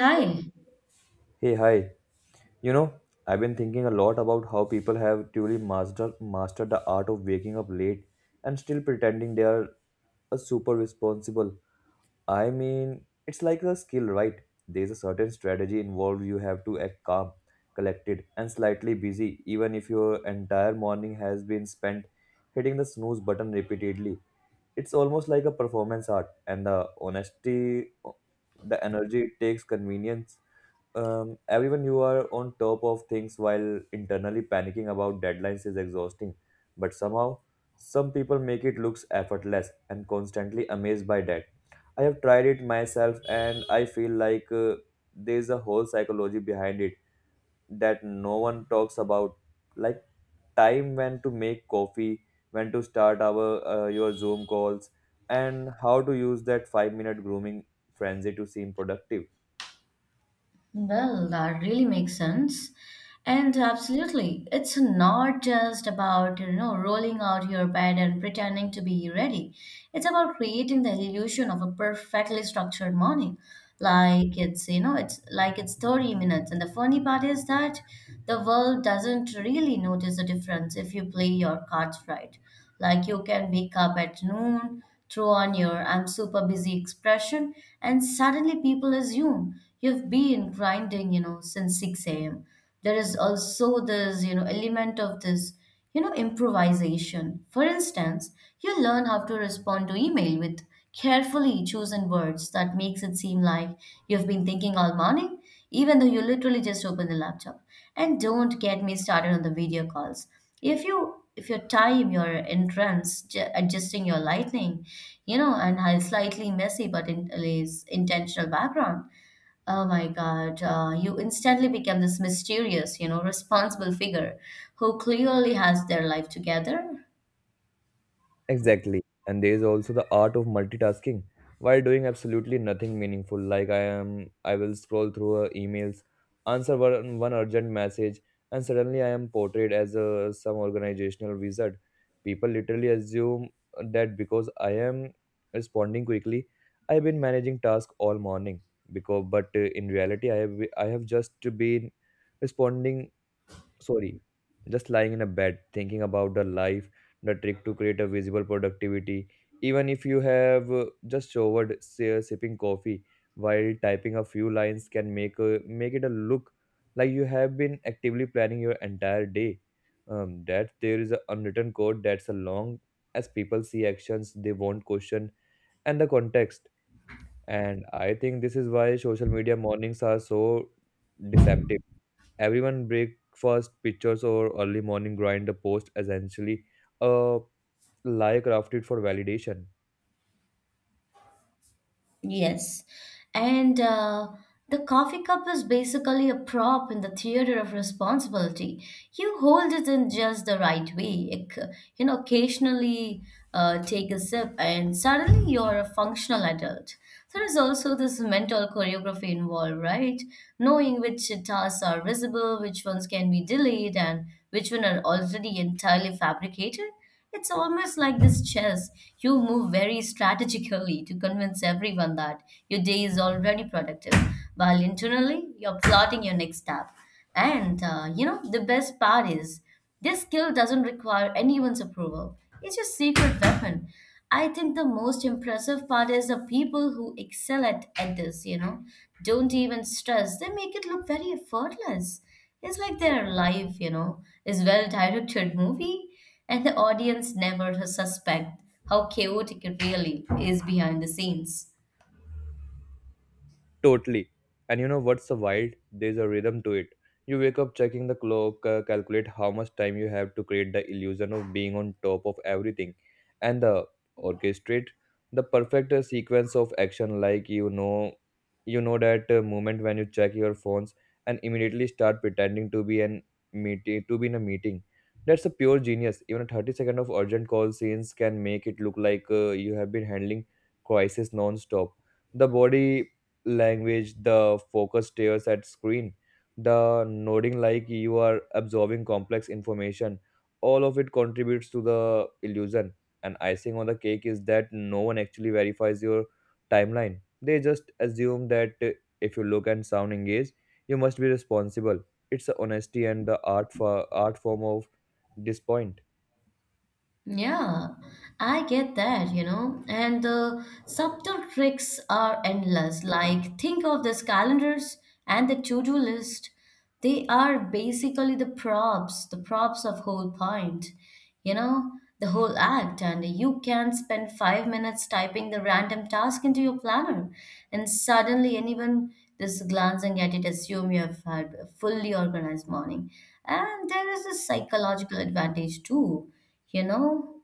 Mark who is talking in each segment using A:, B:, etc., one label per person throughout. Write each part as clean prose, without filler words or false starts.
A: Hi.
B: Hey, hi. You know, I've been thinking a lot about how people have truly mastered the art of waking up late and still pretending they are a super responsible. I mean, it's like a skill, right? There's a certain strategy involved. You have to act calm, collected, and slightly busy, even if your entire morning has been spent hitting the snooze button repeatedly. It's almost like a performance art, and the honesty, the energy it takes, convenience everyone you are on top of things while internally panicking about deadlines is exhausting, but somehow some people make it looks effortless and constantly amazed by that. I have tried it myself and I feel like, there's a whole psychology behind it that no one talks about, like time, when to make coffee, when to start our your zoom calls, and how to use that 5-minute grooming frenzy to seem productive.
A: Well, that really makes sense. And absolutely, it's not just about, you know, rolling out your bed and pretending to be ready. It's about creating the illusion of a perfectly structured morning. Like it's, you know, it's like it's 30 minutes. And the funny part is that the world doesn't really notice the difference if you play your cards right. Like you can wake up at noon throw on your I'm super busy expression, and suddenly people assume you've been grinding, you know, since 6 a.m. There is also this, you know, element of this, you know, improvisation. For instance, you learn how to respond to email with carefully chosen words that makes it seem like you've been thinking all morning even though you literally just open the laptop. And don't get me started on the video calls. If your time your entrance, adjusting your lighting, you know, and a slightly messy but in, is intentional background, oh my God, you instantly become this mysterious, you know, responsible figure who clearly has their life together.
B: Exactly. And there is also the art of multitasking while doing absolutely nothing meaningful. Like I will scroll through emails, answer one urgent message, and suddenly I am portrayed as some organizational wizard. People literally assume that because I am responding quickly, I've been managing tasks all morning. Because, but In reality, I have just been responding, sorry, just lying in a bed thinking about the life. The trick to create a visible productivity, even if you have just showered, sipping coffee while typing a few lines, can make make it a look like you have been actively planning your entire day. Um, that there is an unwritten code that's a long as people see actions, they won't question, and the context. And I think this is why social media mornings are so deceptive. Everyone breakfast pictures or early morning grind, the post essentially a lie crafted for validation.
A: Yes. And the coffee cup is basically a prop in the theater of responsibility. You hold it in just the right way. You know, occasionally take a sip, and suddenly you're a functional adult. There is also this mental choreography involved, right? Knowing which tasks are visible, which ones can be delayed, and which one are already entirely fabricated. It's almost like this chess. You move very strategically to convince everyone that your day is already productive, while internally you're plotting your next step. And you know, the best part is this skill doesn't require anyone's approval, it's your secret weapon. I think the most impressive part is the people who excel at this, you know, don't even stress. They make it look very effortless. It's like their life, you know, is well directed movie, and the audience never suspect how chaotic it really is behind the scenes.
B: Totally. And you know what's so wild? There's a rhythm to it. You wake up checking the clock, calculate how much time you have to create the illusion of being on top of everything, and the orchestrate the perfect sequence of action. Like you know that moment when you check your phones and immediately start pretending to be an meeting to be in a meeting. That's a pure genius. Even a 30 second of urgent call scenes can make it look like you have been handling crisis non-stop. The body language, the focus stares at screen, the nodding like you are absorbing complex information. All of it contributes to the illusion. And icing on the cake is that no one actually verifies your timeline. They just assume that if you look and sound engaged, you must be responsible. It's the honesty and the art for art form of disappoint.
A: Yeah, I get that, you know. And the subtle tricks are endless. Like, think of these calendars and the to-do list. They are basically the props of whole point, you know, the whole act. And you can spend 5 minutes typing the random task into your planner, and suddenly anyone just glancing at it assume you have had a fully organized morning. And there is a psychological advantage too, you know?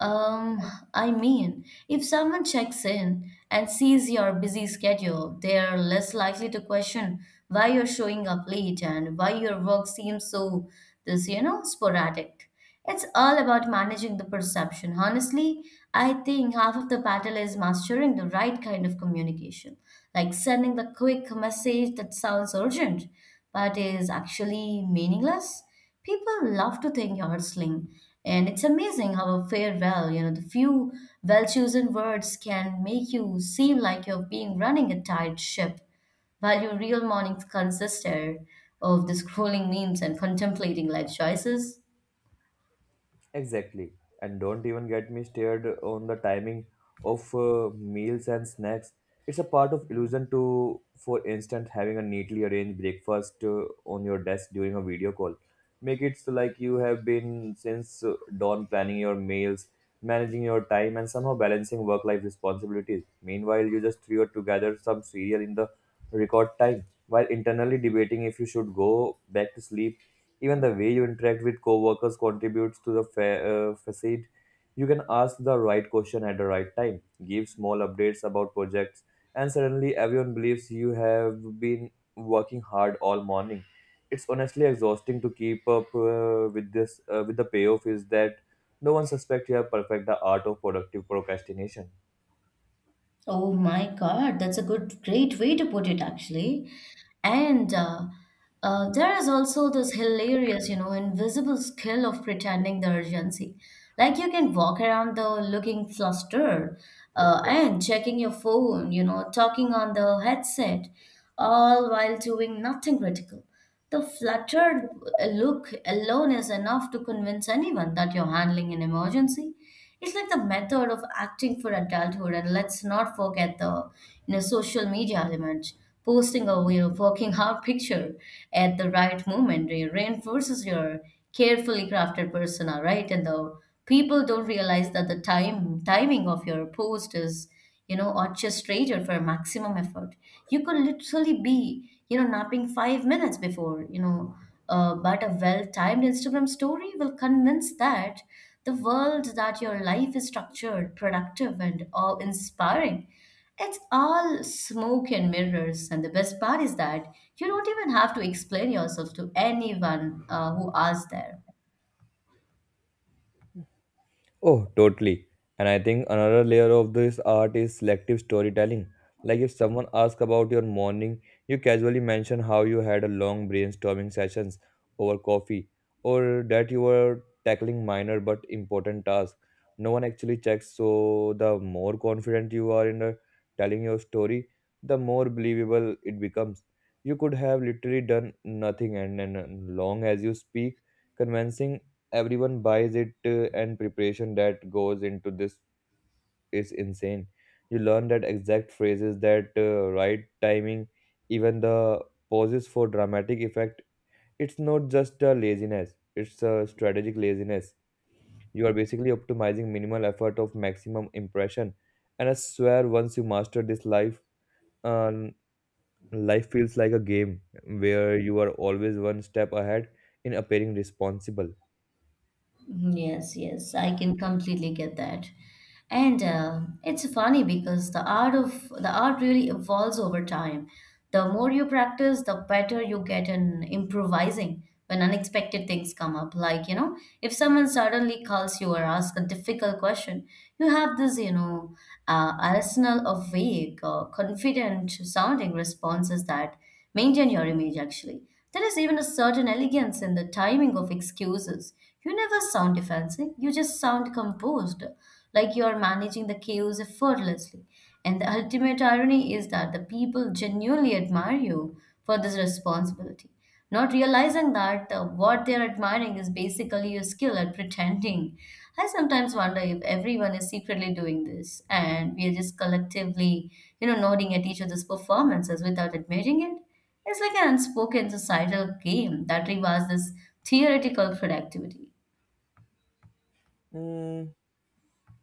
A: Um, I mean, if someone checks in and sees your busy schedule, they are less likely to question why you're showing up late and why your work seems so this, you know, sporadic. It's all about managing the perception. Honestly, I think half of the battle is mastering the right kind of communication, like sending the quick message that sounds urgent but is actually meaningless. People love to think you're hustling, and it's amazing how a farewell, you know, the few well chosen words can make you seem like you're being running a tight ship, while your real mornings consisted of the scrolling memes and contemplating life choices.
B: Exactly. And don't even get me started on the timing of meals and snacks. It's a part of illusion to, for instance, having a neatly arranged breakfast on your desk during a video call. Make it so like you have been since dawn planning your meals, managing your time, and somehow balancing work life responsibilities. Meanwhile, you just threw together some cereal in the record time while internally debating if you should go back to sleep. Even the way you interact with coworkers contributes to the facade. You can ask the right question at the right time, give small updates about projects, and suddenly everyone believes you have been working hard all morning. It's honestly exhausting to keep up with this. With the payoff is that no one suspects you have perfect the art of productive procrastination.
A: Oh my God, that's a good, great way to put it, actually. And there is also this hilarious, you know, invisible skill of pretending the urgency. Like you can walk around the looking flustered and checking your phone, you know, talking on the headset, all while doing nothing critical. The fluttered look alone is enough to convince anyone that you're handling an emergency. It's like the method of acting for adulthood, and let's not forget the, you know, social media element. Posting a, you know, working out picture at the right moment reinforces your carefully crafted persona, right? And the people don't realize that the time timing of your post is, you know, orchestrated for maximum effort. You could literally be, you know, napping 5 minutes before, you know, but a well-timed Instagram story will convince that the world that your life is structured, productive, and awe-inspiring. It's all smoke and mirrors, and the best part is that you don't even have to explain yourself to anyone who asks there.
B: Oh, totally. And I think another layer of this art is selective storytelling. Like if someone asks about your morning, you casually mention how you had a long brainstorming sessions over coffee, or that you were tackling minor but important tasks. No one actually checks, so the more confident you are in telling your story, the more believable it becomes. You could have literally done nothing, and then long as you speak convincing, everyone buys it. Uh, and preparation that goes into this is insane. You learn that exact phrases, that right timing, even the pauses for dramatic effect. It's not just a laziness, it's a strategic laziness. You are basically optimizing minimal effort of maximum impression, and I swear once you master this um, life feels like a game where you are always one step ahead in appearing responsible.
A: Mhm. Yes, yes, I can completely get that. And it's funny because the art really evolves over time. The more you practice, the better you get in improvising when unexpected things come up. Like, you know, if someone suddenly calls you or asks a difficult question, you have this, you know, arsenal of vague or confident sounding responses that maintain your image actually. There is even a certain elegance in the timing of excuses. You never sound defensive, you just sound composed, like you are managing the chaos effortlessly. And the ultimate irony is that the people genuinely admire you for this responsibility, not realizing that what they're admiring is basically a skill at pretending. I sometimes wonder if everyone is secretly doing this and we are just collectively, you know, nodding at each other's performances without admitting it. It's like an unspoken societal game that rewards this theoretical productivity.
B: Mm,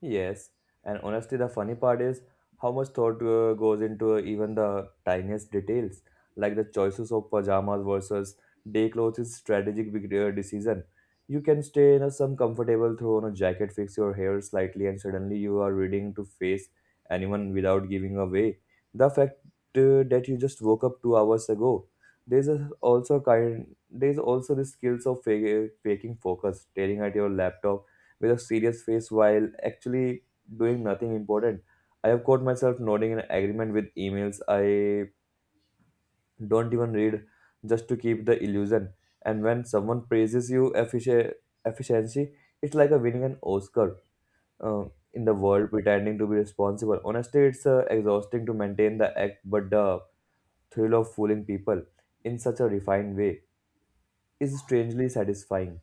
B: yes, and honestly, the funny part is how much thought goes into even the tiniest details, like the choices of pajamas versus day clothes is strategic big decision. You can stay in a some comfortable, throw on a jacket, fix your hair slightly, and suddenly you are reading to face anyone without giving away the fact that you just woke up 2 hours ago. There's a, also kind. There's also the skills of faking focus, staring at your laptop with a serious face while actually doing nothing important. I have caught myself nodding in agreement with emails I don't even read just to keep the illusion. And when someone praises you efficiency, it's like a winning an Oscar uh, in the world pretending to be responsible. Honestly, it's exhausting to maintain the act, but the thrill of fooling people in such a refined way is strangely satisfying.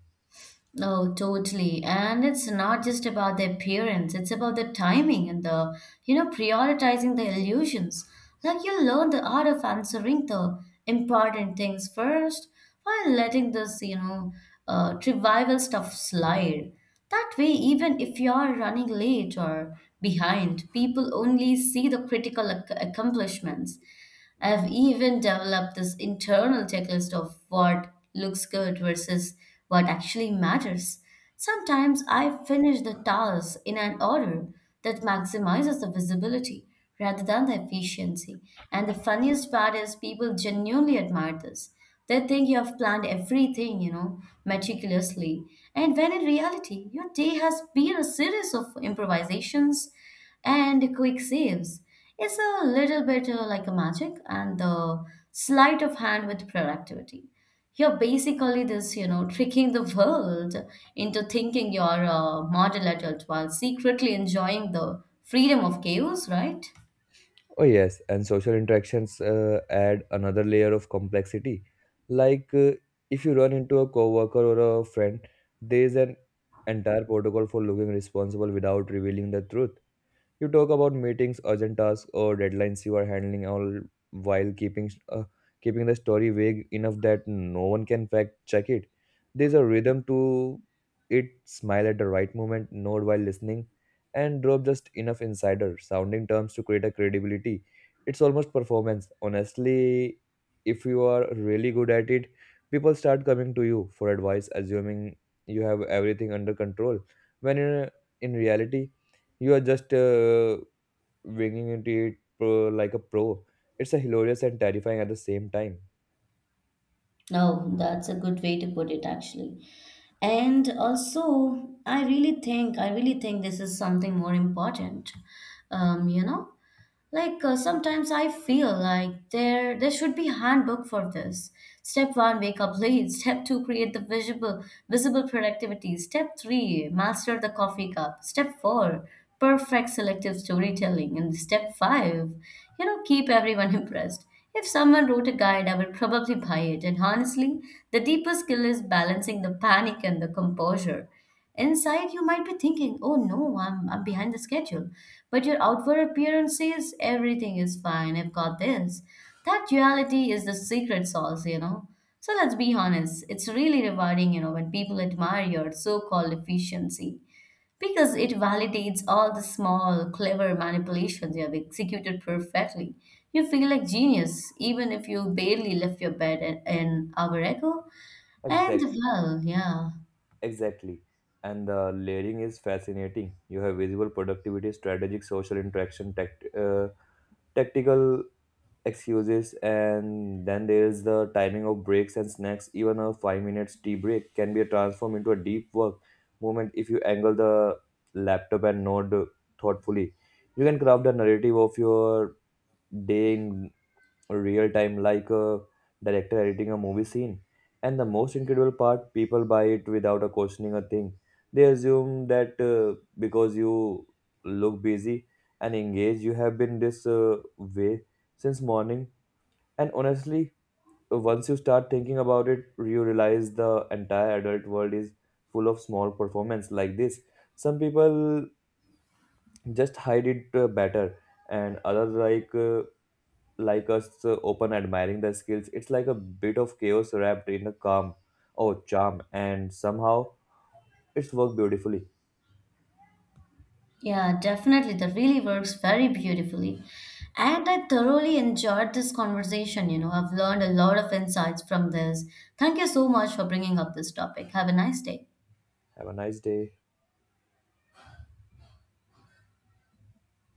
A: Oh, totally. And it's not just about the appearance, it's about the timing and the, you know, prioritizing the illusions. Like you learn the art of answering the important things first while letting this, you know, trivial stuff slide. That way, even if you're running late or behind, people only see the critical accomplishments. I've even developed this internal checklist of what looks good versus what actually matters. Sometimes I finish the tasks in an order that maximizes the visibility rather than the efficiency. And the funniest part is people genuinely admire this. They think you have planned everything, you know, meticulously. And when in reality, your day has been a series of improvisations and quick saves. It's a little bit like a magic and the sleight of hand with productivity. You're basically this, you know, tricking the world into thinking you're a model adult while secretly enjoying the freedom of chaos, right?
B: Oh, yes, and social interactions add another layer of complexity. Like if you run into a coworker or a friend, there is an entire protocol for looking responsible without revealing the truth. You talk about meetings, urgent tasks, or deadlines you are handling, all while keeping the story vague enough that no one can fact check it. There's a rhythm to it. Smile at the right moment, nod while listening, and drop just enough insider sounding terms to create a credibility. It's almost performance. Honestly, if you are really good at it, people start coming to you for advice, assuming you have everything under control. When in, in reality, you are just winging into it pro like a pro. It's a hilarious and terrifying at the same time.
A: No, that's a good way to put it, actually. And also, I really think this is something more important. You know, like, sometimes I feel like there should be handbook for this. Step one, wake up late. Step two, create the visible productivity. Step three, master the coffee cup. Step four, perfect selective storytelling. And step five, you know, keep everyone impressed. If someone wrote a guide, I would probably buy it. And honestly, the deeper skill is balancing the panic and the composure. Inside, you might be thinking, oh no, I'm behind the schedule. But your outward appearance says everything is fine, I've got this. That duality is the secret sauce, you know. So let's be honest, it's really rewarding, you know, when people admire your so called efficiency because it validates all the small, clever manipulations you have executed perfectly. You feel like genius, even if you barely left your bed an hour ago. And
B: Exact,
A: well, yeah.
B: exactly. And the layering is fascinating. You have visible productivity, strategic social interaction, tactical excuses, and then there is the timing of breaks and snacks. Even a 5 minutes tea break can be transformed into a deep work moment if you angle the laptop and nod thoughtfully. You can craft a narrative of your day in real time, like a director editing a movie scene. And the most incredible part, people buy it without a questioning a thing. They assume that because you look busy and engaged, you have been this way since morning. And honestly, once you start thinking about it, you realize the entire adult world is full of small performance like this. Some people just hide it better, and others like us open admiring the skills. It's like a bit of chaos wrapped in a calm or charm, and somehow it's worked beautifully.
A: Yeah, definitely. That really works very beautifully. And I thoroughly enjoyed this conversation. You know, I've learned a lot of insights from this. Thank you so much for bringing up this topic. Have a nice day.
B: Have a nice day.